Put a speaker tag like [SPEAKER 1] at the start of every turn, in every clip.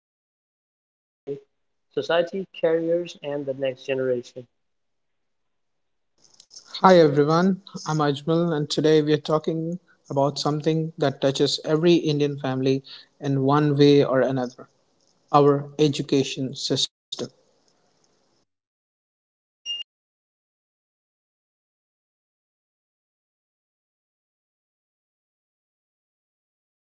[SPEAKER 1] discuss ideas that shape society, careers, and the next generation.
[SPEAKER 2] Hi everyone, I'm Ajmal, and today we are talking about something that touches every Indian family in one way or another, our education system.
[SPEAKER 1] That is right. Today's topic is how the Indian education system is addressing uncovered areas.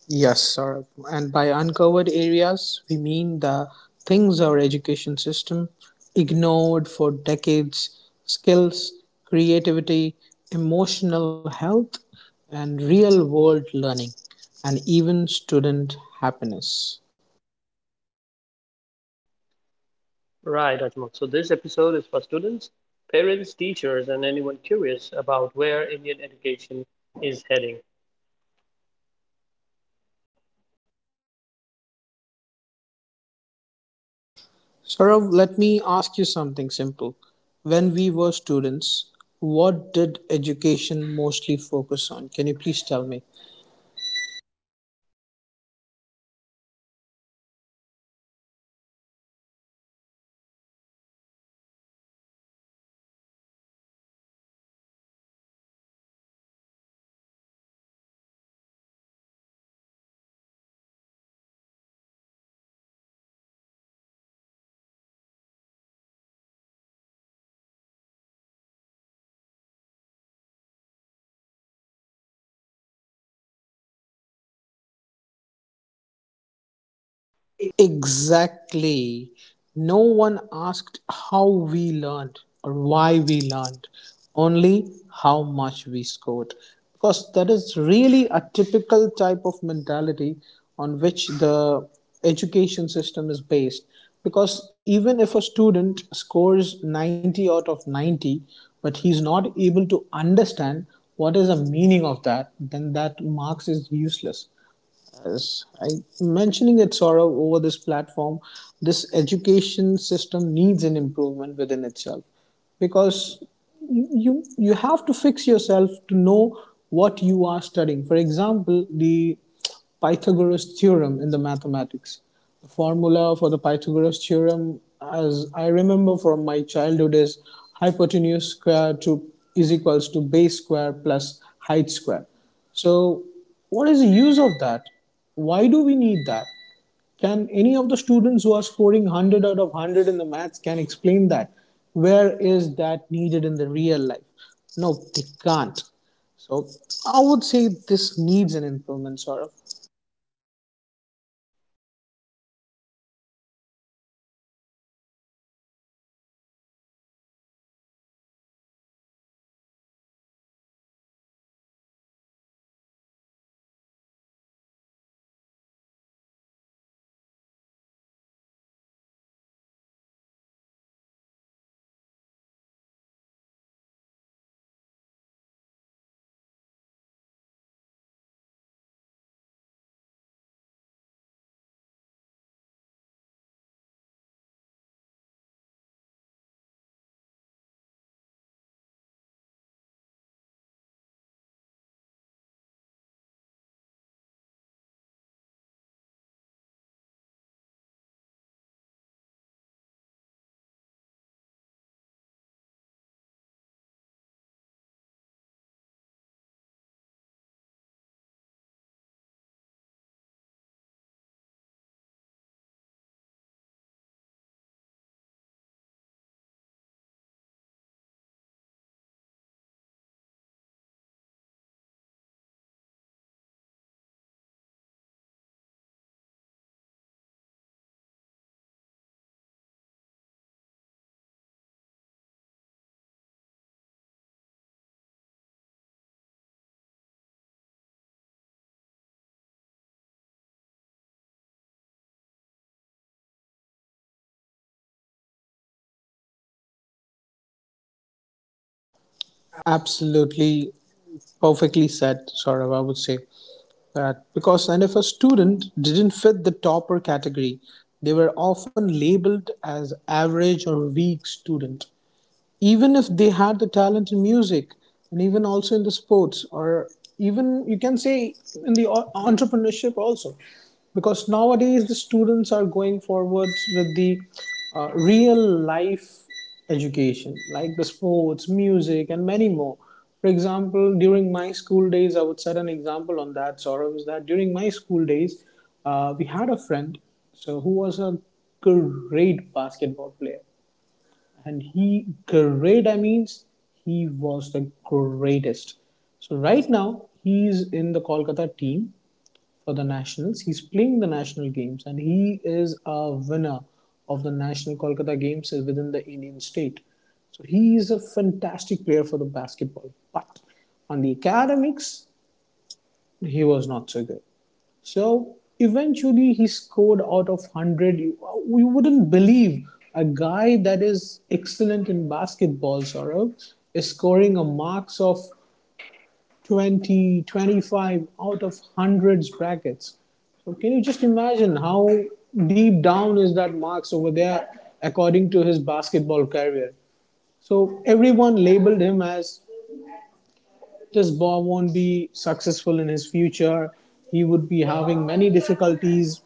[SPEAKER 1] Yeah.
[SPEAKER 2] Yes, Saurav. And by uncovered areas, we mean the things our education system ignored for decades: skills, creativity, emotional health, and real world learning, and even student happiness.
[SPEAKER 1] Right, Ajmal. So this episode is for students, parents, teachers, and anyone curious about where Indian education is heading.
[SPEAKER 2] Saurav, let me ask you something simple. When we were students, what did education mostly focus on? Can you please tell me?
[SPEAKER 1] Yes, of course, Ajmal. So when we were students, and during those times, marks were important, exams, rankings, and honestly, fear of failure. So of course, whenever there was somebody in our class who had secured a higher rank, he was also always preferred, and he always got a lot of care and attention from teachers, and we were all scared of failing. So anybody securing lower marks would always be scared. Okay.
[SPEAKER 2] Exactly. No one asked how we learned or why we learned, only how much we scored. Because that is really a typical type of mentality on which the education system is based. Because even if a student scores 90 out of 90, but he's not able to understand what is the meaning of that, then that marks is useless. Yes, I mentioning it, Saurav, over this platform. This education system needs an improvement within itself, because you have to fix yourself to know what you are studying. For example, the Pythagoras theorem in the mathematics. The formula for the Pythagoras theorem as I remember from my childhood is hypotenuse square to is equals to base square plus height square. So what is the use of that? Why do we need that? Can any of the students who are scoring 100 out of 100 in the maths can explain that? Where is that needed in the real life? No, they can't. So I would say this needs an improvement, sort of.
[SPEAKER 1] Right, Ajmal. I understand. I understand. And for a long time, the Indian education system, it ignored several important areas, just like you mentioned, areas like critical thinking, wherein the students are not allowed to, you know, think out of the box ideas. They are allowed only to mug up and wrote what is on the textbook. Problem solving skills, where they are given a set of problems and they get to wrote them by heart, and they are not able to solve problems later on adult in life, and communication skills, of course. So they memorize everything from the book, and that is what they learn, and they don't have good communication skills, and that does not prepare them for their life ahead. And of course mental and emotional health are very important. uh, we do not talk about mental and emotional health in schools, and these things are usually frowned upon, and nobody even takes time to look at the students and to judge their mental and emotional health, and of course career guidance. So career guidance, that is very important because we know right now in India we have scarcity of jobs, and there are a lot of people who pass through the education system. They do not land up with proper jobs, and career guidance is very important to realize early on what each student excels at and where they can find a suitable career. It's not following the rat race, just following the masses and joining sectors where everybody else is finding comfortable jobs, but landing jobs that you can really contribute to.
[SPEAKER 2] Absolutely. Perfectly said, Saurav. I would say that because, and if a student didn't fit the topper category, they were often labeled as average or weak student, even if they had the talent in music and even also in the sports, or even you can say in the entrepreneurship also. Because nowadays the students are going forwards with the real life education, like the sports, music, and many more. For example, during my school days, I would set an example on that, Saurav. Is that during my school days, we had a friend, so, who was a great basketball player. And he great, I means he was the greatest. So right now he's in the Kolkata team for the nationals. He's playing the national games and he is a winner of the national Kolkata games within the Indian state. So he is a fantastic player for the basketball. But on the academics he was not so good. So eventually he scored out of 100. You wouldn't believe a guy that is excellent in basketball, Saurabh, is scoring a marks of 20-25 out of hundreds brackets. So can you just imagine how deep down is that marks over there according to his basketball career? So everyone labeled him as, this Bob won't be successful in his future. He would be having many difficulties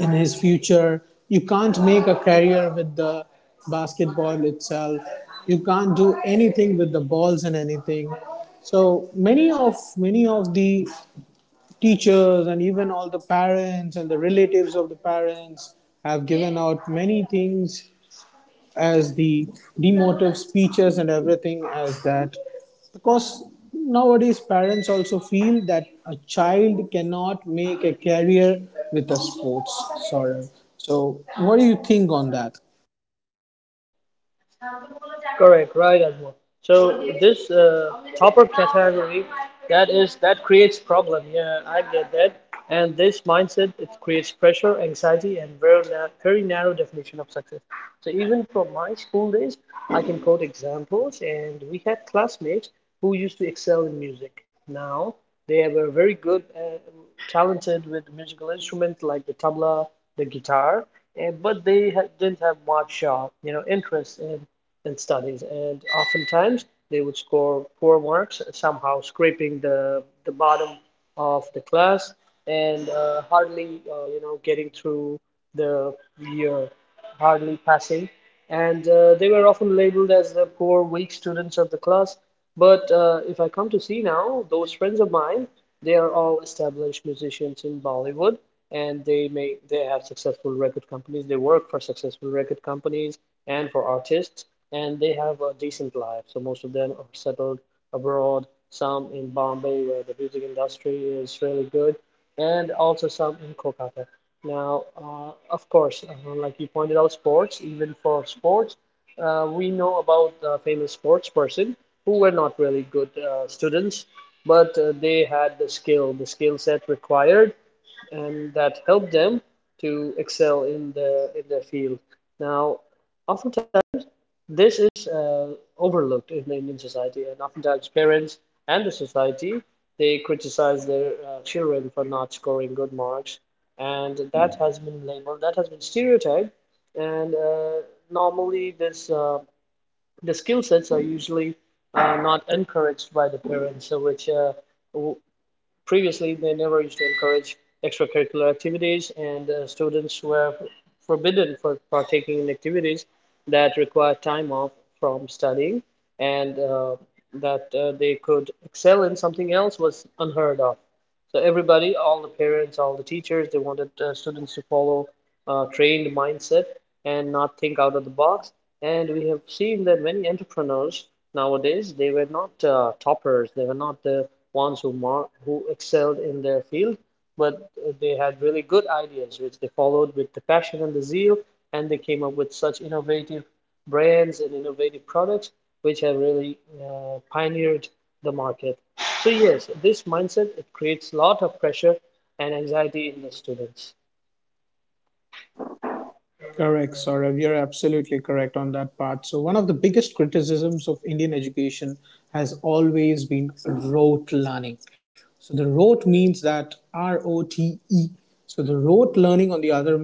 [SPEAKER 2] in his future. You can't make a career with the basketball itself. You can't do anything with the balls and anything. So many of the teachers and even all the parents and the relatives of the parents have given out many things as the demotive speeches and everything, as that because nowadays parents also feel that a child cannot make a career with a sports sorry. So what do you think on that?
[SPEAKER 1] Correct, right, Ajmal. So this topper category, that is that creates problem. Yeah, I get that. And this mindset, it creates pressure, anxiety, and very narrow definition of success. So even from my school days, I can quote examples, and we had classmates who used to excel in music. Now they were very good, talented with musical instruments like the tabla, the guitar, and but they ha didn't have much, you know, interest in and studies, and oftentimes they would score poor marks, somehow scraping the bottom of the class and hardly you know getting through the year, hardly passing, and they were often labeled as the poor, weak students of the class. But if I come to see now, those friends of mine, they are all established musicians in Bollywood, and they have successful record companies. They work for successful record companies and for artists, and they have a decent life. So most of them are settled abroad, some in Bombay, where the music industry is really good, and also some in Kolkata. Now, of course, like you pointed out, sports, even for sports, we know about famous sports person who were not really good students, but they had the skill set required, and that helped them to excel in their field. Now, oftentimes this is overlooked in the Indian society, and oftentimes parents and the society they criticize their children for not scoring good marks, and that has been labeled, that has been stereotyped, and normally this the skill sets are usually not encouraged by the parents, so which previously they never used to encourage extracurricular activities, and students were forbidden for partaking in activities that require time off from studying, and that they could excel in something else was unheard of. So everybody, all the parents, all the teachers, they wanted students to follow trained mindset and not think out of the box. And we have seen that many entrepreneurs nowadays, they were not toppers. They were not the ones who excelled in their field, but they had really good ideas, which they followed with the passion and the zeal, and they came up with such innovative brands and innovative products which have really pioneered the market. So yes, this mindset, it creates a lot of pressure and anxiety in the students.
[SPEAKER 2] Correct, Saurav. You're absolutely correct on that part. So, one of the biggest criticisms of Indian education has always been rote learning. So, the rote means that rote. So, the rote learning, on the other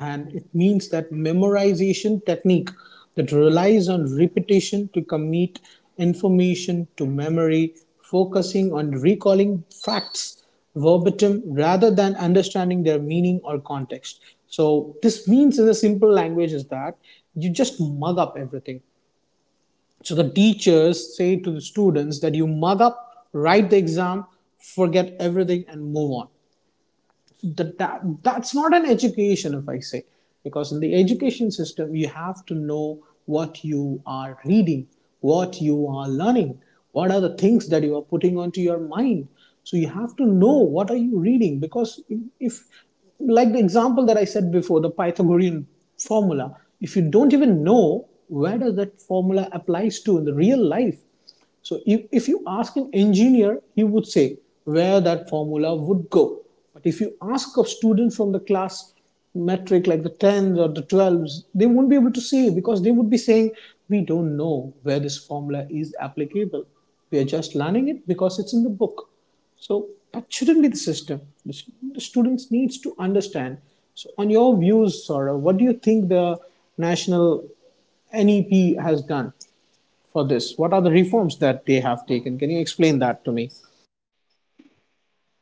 [SPEAKER 2] hand, it means that memorization technique that relies on repetition to commit information to memory, focusing on recalling facts verbatim rather than understanding their meaning or context. So, this means in a simple language is that you just mug up everything. So, the teachers say to the students that you mug up, write the exam, forget everything, and move on. That that's not an education, if I say. Because in the education system you have to know what you are reading, what you are learning, what are the things that you are putting onto your mind. So you have to know what are you reading, because if, like the example that I said before, the Pythagorean formula, if you don't even know where does that formula applies to in the real life. So if you ask an engineer, he would say where that formula would go. But if you ask a student from the class metric, like the 10s or the 12s, they won't be able to say, because they would be saying, we don't know where this formula is applicable. We are just learning it because it's in the book. So that shouldn't be the system. Students needs to understand. So on your views, Sora, what do you think the national NEP has done for this? What are the reforms that they have taken? Can you explain that to me?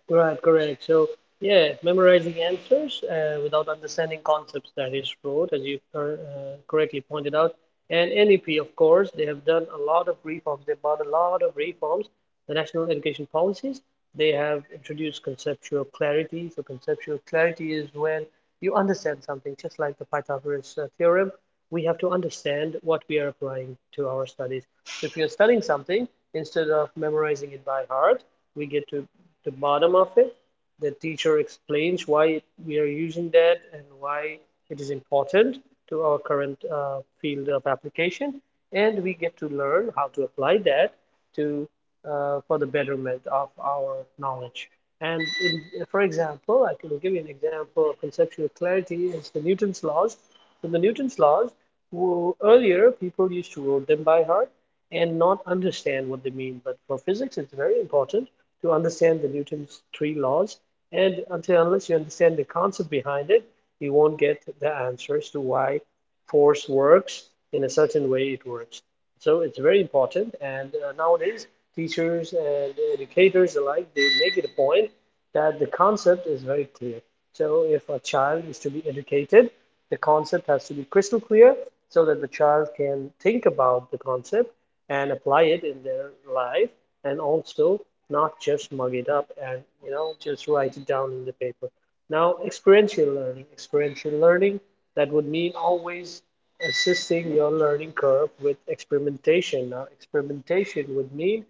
[SPEAKER 1] Right, correct. So, yeah, memorizing answers without understanding concepts, that is fraud, as you correctly pointed out. And NEP, of course, they have done a lot of reforms. They've brought a lot of reforms, the national education policies. They have introduced conceptual clarity. So, conceptual clarity is when you understand something, just like the Pythagoras theorem, we have to understand what we are applying to our studies. So if you're studying something, instead of memorizing it by heart, we get to the bottom of it. The teacher explains why we are using that and why it is important to our current field of application. And we get to learn how to apply that to for the betterment of our knowledge. And in, for example, I can give you an example of conceptual clarity is the Newton's laws. So the Newton's laws, earlier people used to quote them by heart and not understand what they mean. But for physics, it's very important to understand the Newton's three laws. And until unless you understand the concept behind it, you won't get the answers to why force works in a certain way it works. So it's very important, and nowadays teachers and educators alike, they make it a point that the concept is very clear. So if a child is to be educated, the concept has to be crystal clear, so that the child can think about the concept and apply it in their life, and also not just mug it up and you know just write it down in the paper. Now, experiential learning. Experiential learning, that would mean always assisting your learning curve with experimentation. Now, experimentation would mean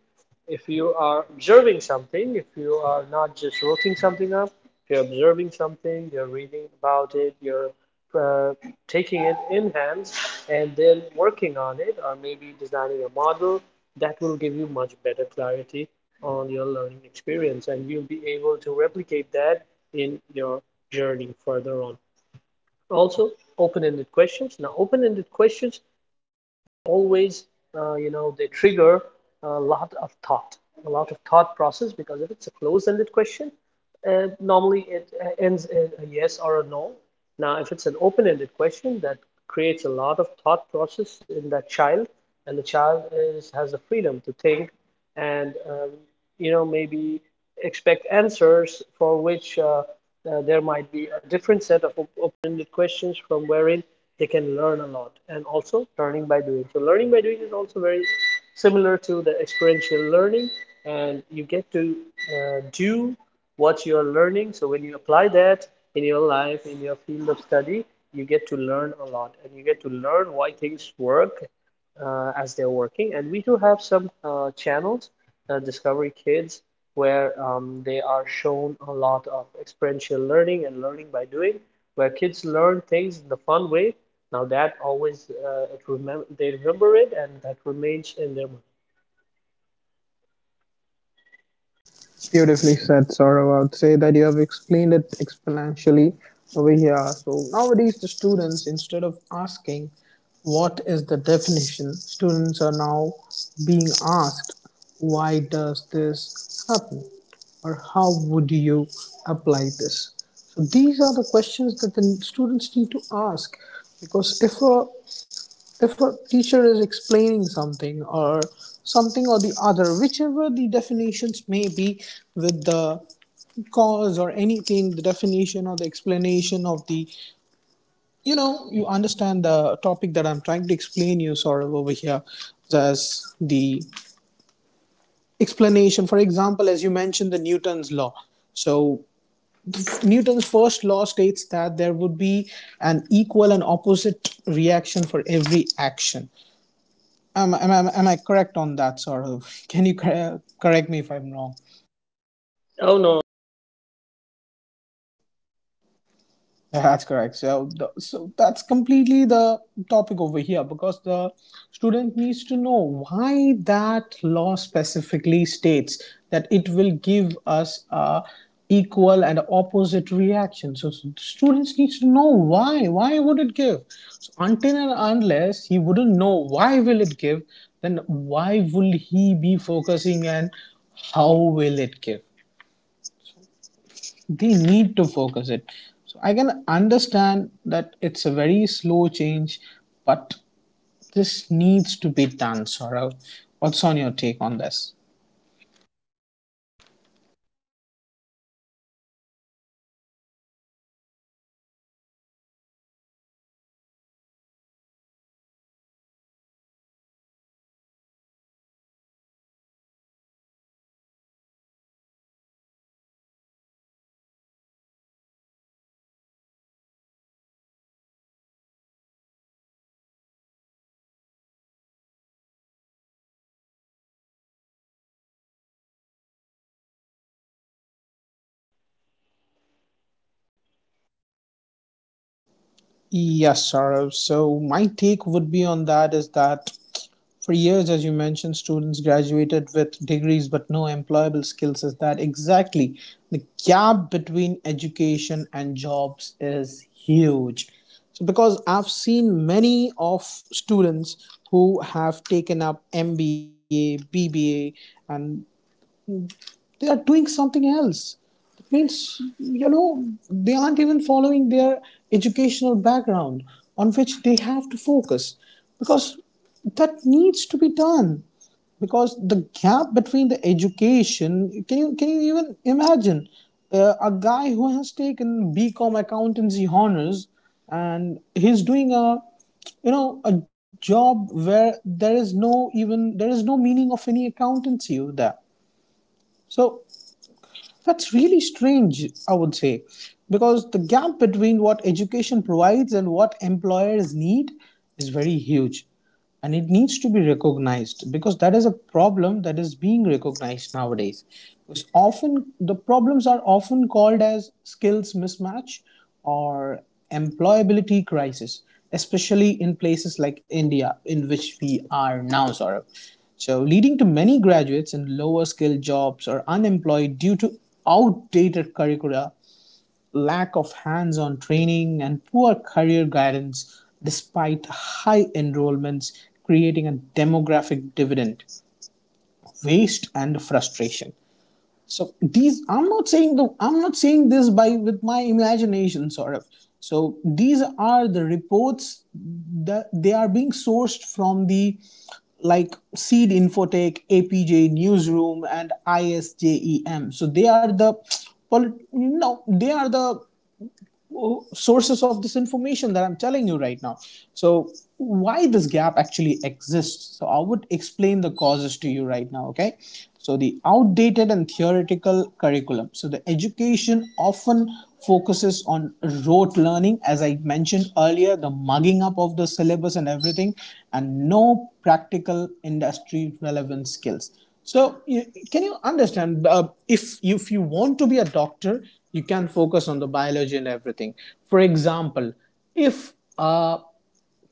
[SPEAKER 1] if you are observing something, if you are not just looking something up, if you're observing something, you're reading about it, you're uh, taking it in hand and then working on it, or maybe designing a model, that will give you much better clarity on your learning experience, and you'll be able to replicate that in your journey further on. Also open-ended questions. Now open-ended questions, they always you know they trigger a lot of thought, a lot of thought process, because if it's a closed-ended question, normally, it ends in a yes or a no. Now, if it's an open-ended question, that creates a lot of thought process in that child, and the child is has the freedom to think and you know maybe expect answers for which there might be a different set of open-ended questions from wherein they can learn a lot, and also learning by doing. So, learning by doing is also very similar to the experiential learning, and you get to do what you are learning. So when you apply that in your life, in your field of study, you get to learn a lot and you get to learn why things work as they're working. And we do have some channels, Discovery Kids, where they are shown a lot of experiential learning and learning by doing, where kids learn things in the fun way. Now that always it remem they remember it and that remains in their mind.
[SPEAKER 2] Beautifully said, Saurav. I would say that you have explained it exponentially over here. So nowadays, the students, instead of asking what is the definition, students are now being asked why does this happen or how would you apply this? So these are the questions that the students need to ask, because if a teacher is explaining something or something or the other, whichever the definitions may be with the cause or anything, the definition or the explanation of the, you understand the topic that I'm trying to explain you, sort of over here, as the explanation. For example, as you mentioned, the Newton's law. So Newton's first law states that there would be an equal and opposite reaction for every action. Am I correct on that, Saurav? Can you correct me if I'm wrong?
[SPEAKER 1] Oh no, you're correct. You're doing fine.
[SPEAKER 2] That's correct. So that's completely the topic over here, because the student needs to know why that law specifically states that it will give us a equal and opposite reaction. So, students needs to know why. Why would it give? So, until and unless he wouldn't know why will it give, then why will he be focusing and how will it give? They need to focus it. So I can understand that it's a very slow change, but this needs to be done, Saurav. What's on your take on this?
[SPEAKER 1] Yeah, that is correct. So we see the educational system in the different parts of the world. They are moving into learning by doing and experiential learning, and they also focus a lot on conceptual clarity. So yes, this is a slow change, as you correctly mentioned, but it's a very important one, and it is one where the world is headed to. And so let's also talk about skills. And for years, students graduated with degrees but had no employable skills. Your take on that, Ajmal?
[SPEAKER 2] Yes, Saurav. So my take would be on that is that, for years, as you mentioned, students graduated with degrees but no employable skills. Is that exactly the gap between education and jobs is huge? So, because I've seen many of students who have taken up MBA, BBA, and they are doing something else. It means, they aren't even following their educational background on which they have to focus, because that needs to be done, because the gap between the education, can you even imagine a guy who has taken bcom accountancy honors and he's doing a you know a job where there is no, even there is no meaning of any accountancy over there. So that's really strange, I would say. Because the gap between what education provides and what employers need is very huge, and it needs to be recognized, because that is a problem that is being recognized nowadays. Because often the problems are often called as skills mismatch or employability crisis, especially in places like India in which we are now, Saurabh. So leading to many graduates in lower skilled jobs or unemployed, due to outdated curricula, lack of hands on training, and poor career guidance, despite high enrollments, creating a demographic dividend, waste, and frustration. So these, I'm not saying this by with my imagination, sort of. So these are the reports that they are being sourced from the, like Seed Infotech, APJ Newsroom, and ISJEM. So they are the, well, they are the sources of this information that I'm telling you right now. So, why this gap actually exists? So, I would explain the causes to you right now, okay? So, the outdated and theoretical curriculum. So, the education often focuses on rote learning, as I mentioned earlier, the mugging up of the syllabus and everything, and no practical industry relevant skills. So, can you understand? If you want to be a doctor, you can focus on the biology and everything. For example, if a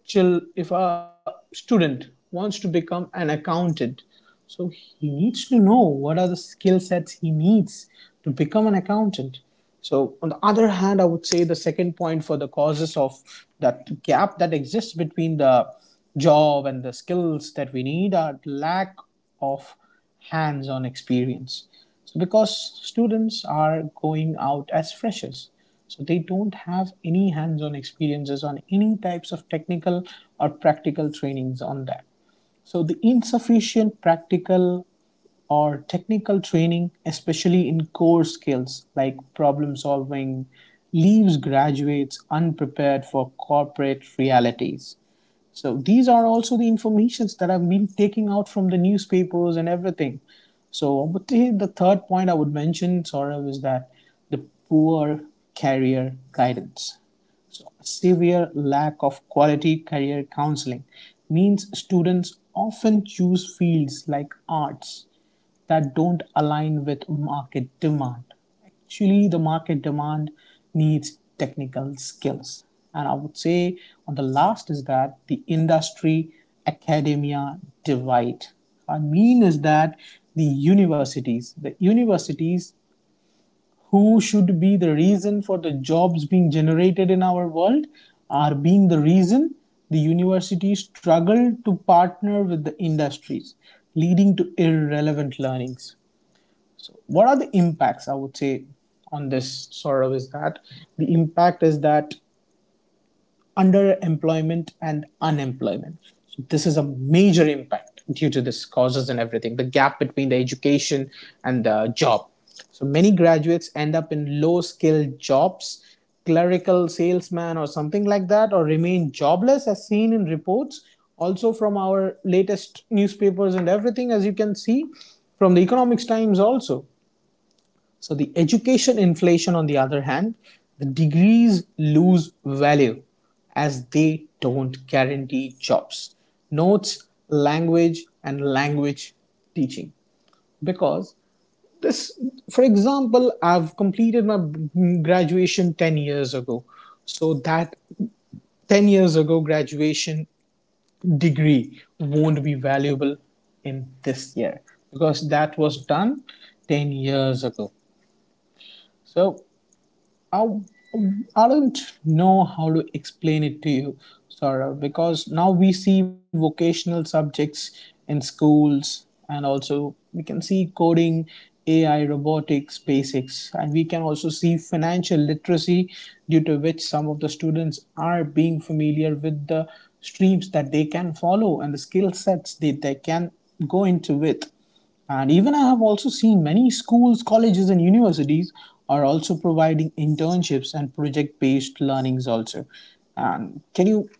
[SPEAKER 2] if a student wants to become an accountant, so he needs to know what are the skill sets he needs to become an accountant. So, on the other hand, I would say the second point for the causes of that gap that exists between the job and the skills that we need are lack of hands-on experience. So because students are going out as freshers, so they don't have any hands-on experiences on any types of technical or practical trainings on that. So the insufficient practical or technical training, especially in core skills like problem solving, leaves graduates unprepared for corporate realities. So these are also the informations that I've been taking out from the newspapers and everything. So but the third point I would mention, Saurav, is that the poor career guidance. So a severe lack of quality career counseling means students often choose fields like arts, that don't align with market demand. Actually, the market demand needs technical skills. And I would say on the last is that the industry academia divide. I mean is that The universities who should be the reason for the jobs being generated in our world are being the reason the universities struggle to partner with the industries, leading to irrelevant learnings. What are the impacts, I would say, on this sort of? Is that the impact is that underemployment and unemployment. So this is a major impact due to this causes and everything, the gap between the education and the job. So many graduates end up in low skilled jobs, clerical salesman or something like that, or remain jobless as seen in reports, also from our latest newspapers and everything, as you can see from the Economics Times also. So the education inflation, on the other hand, the degrees lose value as they don't guarantee jobs. Notes, language, and language teaching. Because this, for example, I've completed my graduation 10 years ago. So that 10 years ago graduation degree won't be valuable in this year because that was done 10 years ago. So I, I don't know how to explain it to you, Saurav, because now we see vocational subjects in schools, and also we can see coding, AI, robotics, basics, and we can also see financial literacy, due to which some of the students are being familiar with the streams that they can follow and the skill sets that they can go into with. And even I have also seen many schools, colleges, and universities are also providing internships and project based learnings also. And can you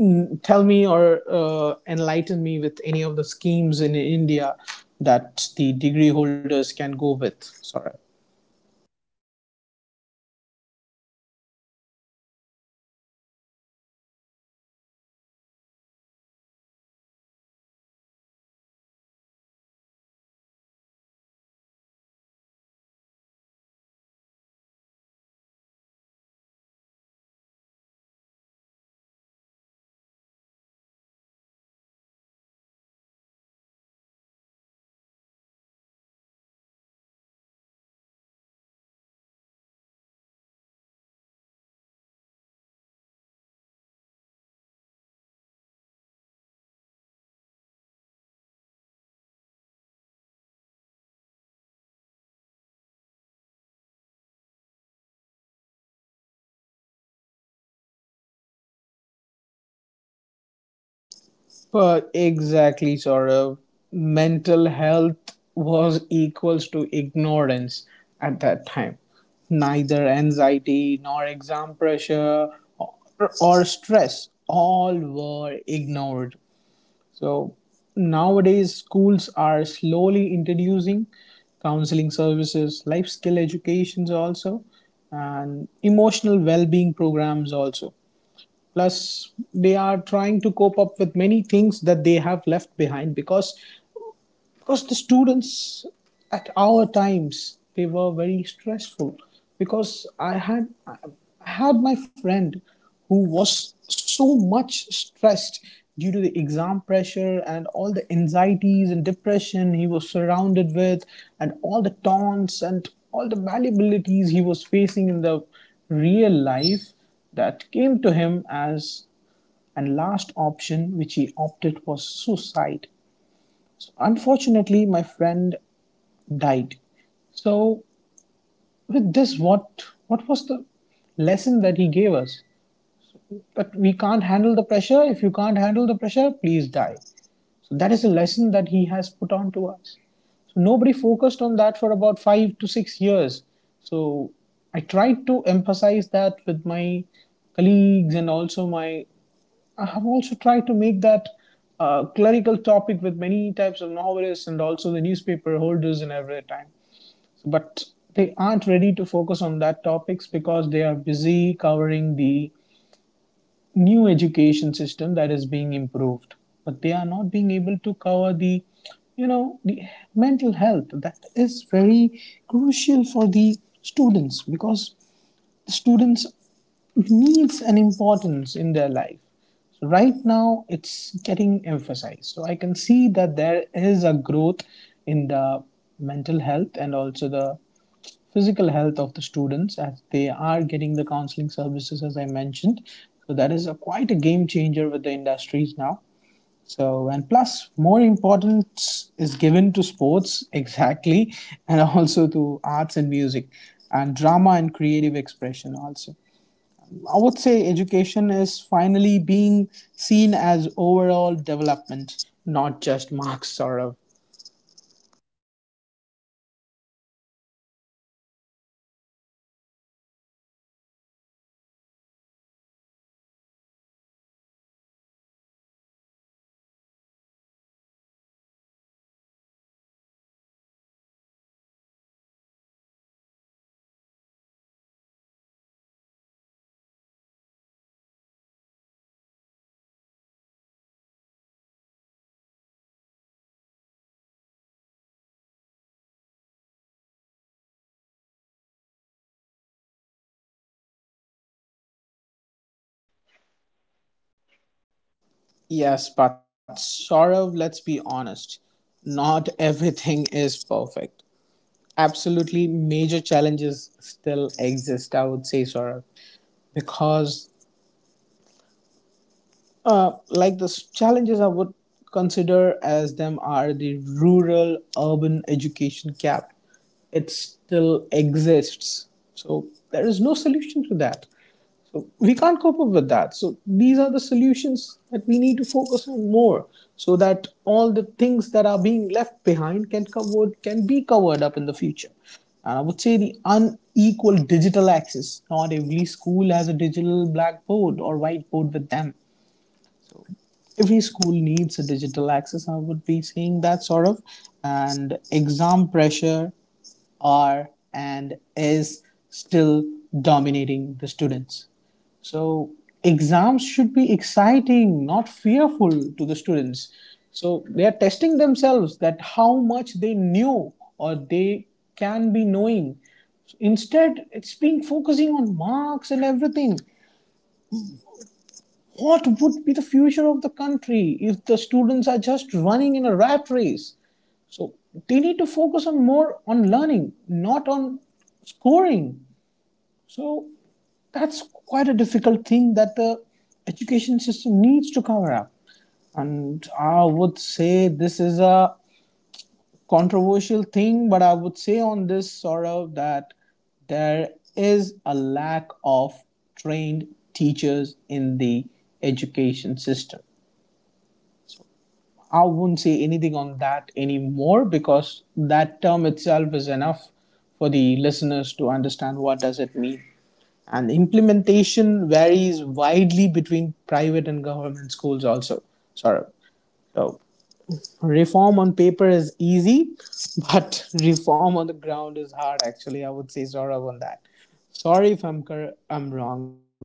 [SPEAKER 2] tell me or enlighten me with any of the schemes in India that the degree holders can go with? Sorry.
[SPEAKER 1] Right. So thank you for that explanation, Ajmal. That was very rightly put. The gap between education and job is huge, and we need vocational subjects and coding, robotics-based financial literacy, internships, and project-based learning. Now, schemes like Skill India and NSQF aim to make students job ready, not just degree holders. They aim to train the students, and they aim to breed professionals who are ready to come out and join the job market and not just you know people who have a degree but no real application in the world. And this is especially helpful for students who want practical careers instead of traditional academic paths. Now let us talk a bit about mental health and holistic development. So earlier, no one talked about mental health in schools.
[SPEAKER 2] But exactly, Saurav. Mental health was equals to ignorance at that time. Neither anxiety nor exam pressure or, or stress, all were ignored. So nowadays, schools are slowly introducing counseling services, life skill educations also, and emotional well-being programs also, plus they are trying to cope up with many things that they have left behind, because the students at our times they were very stressful, because I had my friend who was so much stressed due to the exam pressure and all the anxieties and depression he was surrounded with, and all the taunts and all the malleabilities he was facing in the real life, that came to him as and last option which he opted was suicide. So unfortunately my friend died. So with this, what was the lesson that he gave us? But we can't handle the pressure. If you can't handle the pressure, please die. So that is a lesson that he has put on to us. So nobody focused on that for about 5 to 6 years. So I tried to emphasize that with my colleagues and also my, I have also tried to make that clerical topic with many types of novelists and also the newspaper holders in every time. So, but they aren't ready to focus on that topics because they are busy covering the new education system that is being improved. But they are not being able to cover the, you know, the mental health that is very crucial for the students, because students needs and importance in their life. So right now it's getting emphasized, so I can see that there is a growth in the mental health and also the physical health of the students as they are getting the counseling services as I mentioned. So that is a quite a game changer with the industries now. So and plus more importance is given to sports exactly, and also to arts and music and drama and creative expression also. I would say education is finally being seen as overall development, not just marks, Saurav.
[SPEAKER 1] Right, right. You're correct, and that is very well put. Now, let us talk about Indian knowledge and cultural roots. Another uncovered area is Indian knowledge itself. We study a lot about the West, but very little about our own traditions, and Indian knowledge is the system is reintroducing Indian history from multiple perspectives, yoga and wellness, ethics and value education, regional languages, and this helps students stay connected to their culture while still being global citizens. Any thoughts on that, Ajmal?
[SPEAKER 2] Yes, but Saurav, let's be honest, not everything is perfect. Absolutely, major challenges still exist, I would say, Saurav, because challenges I would consider as them are the rural urban education gap. It still exists. So there is no solution to that. So we can't cope up with that. So these are the solutions that we need to focus on more, so that all the things that are being left behind can be covered up in the future. And I would say the unequal digital access. Not every school has a digital blackboard or whiteboard with them. Every school needs a digital access, I would be saying that sort of. And exam pressure are and is still dominating the students. So exams should be exciting, not fearful to the students, so they are testing themselves that how much they knew or they can be knowing. So, instead it's been focusing on marks and everything. What would be the future of the country if the students are just running in a rat race? So they need to focus on more on learning, not on scoring. So that's quite a difficult thing that the education system needs to cover up. And I would say this is a controversial thing, but I would say on this sort of that there is a lack of trained teachers in the education system. I wouldn't say anything on that anymore because that term itself is enough for the listeners to understand what does it mean. And implementation varies widely between private and government schools also. Sorry. So reform on paper is easy, but reform on the ground is hard actually. I would say Saurav on that. Sorry if I'm wrong, okay?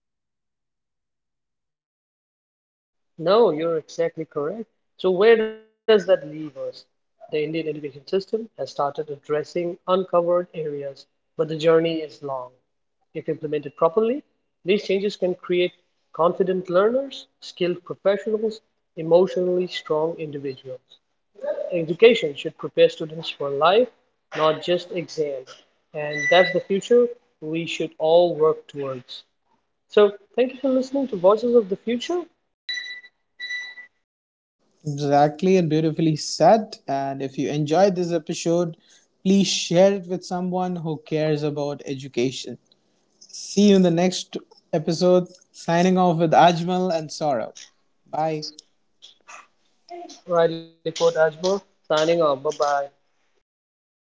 [SPEAKER 1] No, you're exactly correct. So where does that leave us? The Indian education system has started addressing uncovered areas, but the journey is long. If implemented properly, these changes can create confident learners, skilled professionals, emotionally strong individuals. Education should prepare students for life, not just exams. And that's the future we should all work towards. So, thank you for listening to Voices of the Future.
[SPEAKER 2] Exactly and beautifully said. And if you enjoyed this episode, please share it with someone who cares about education. See you in the next episode. Signing off with Ajmal and Saurabh. Bye.
[SPEAKER 1] Riley Port Ajmer signing off. Bye bye.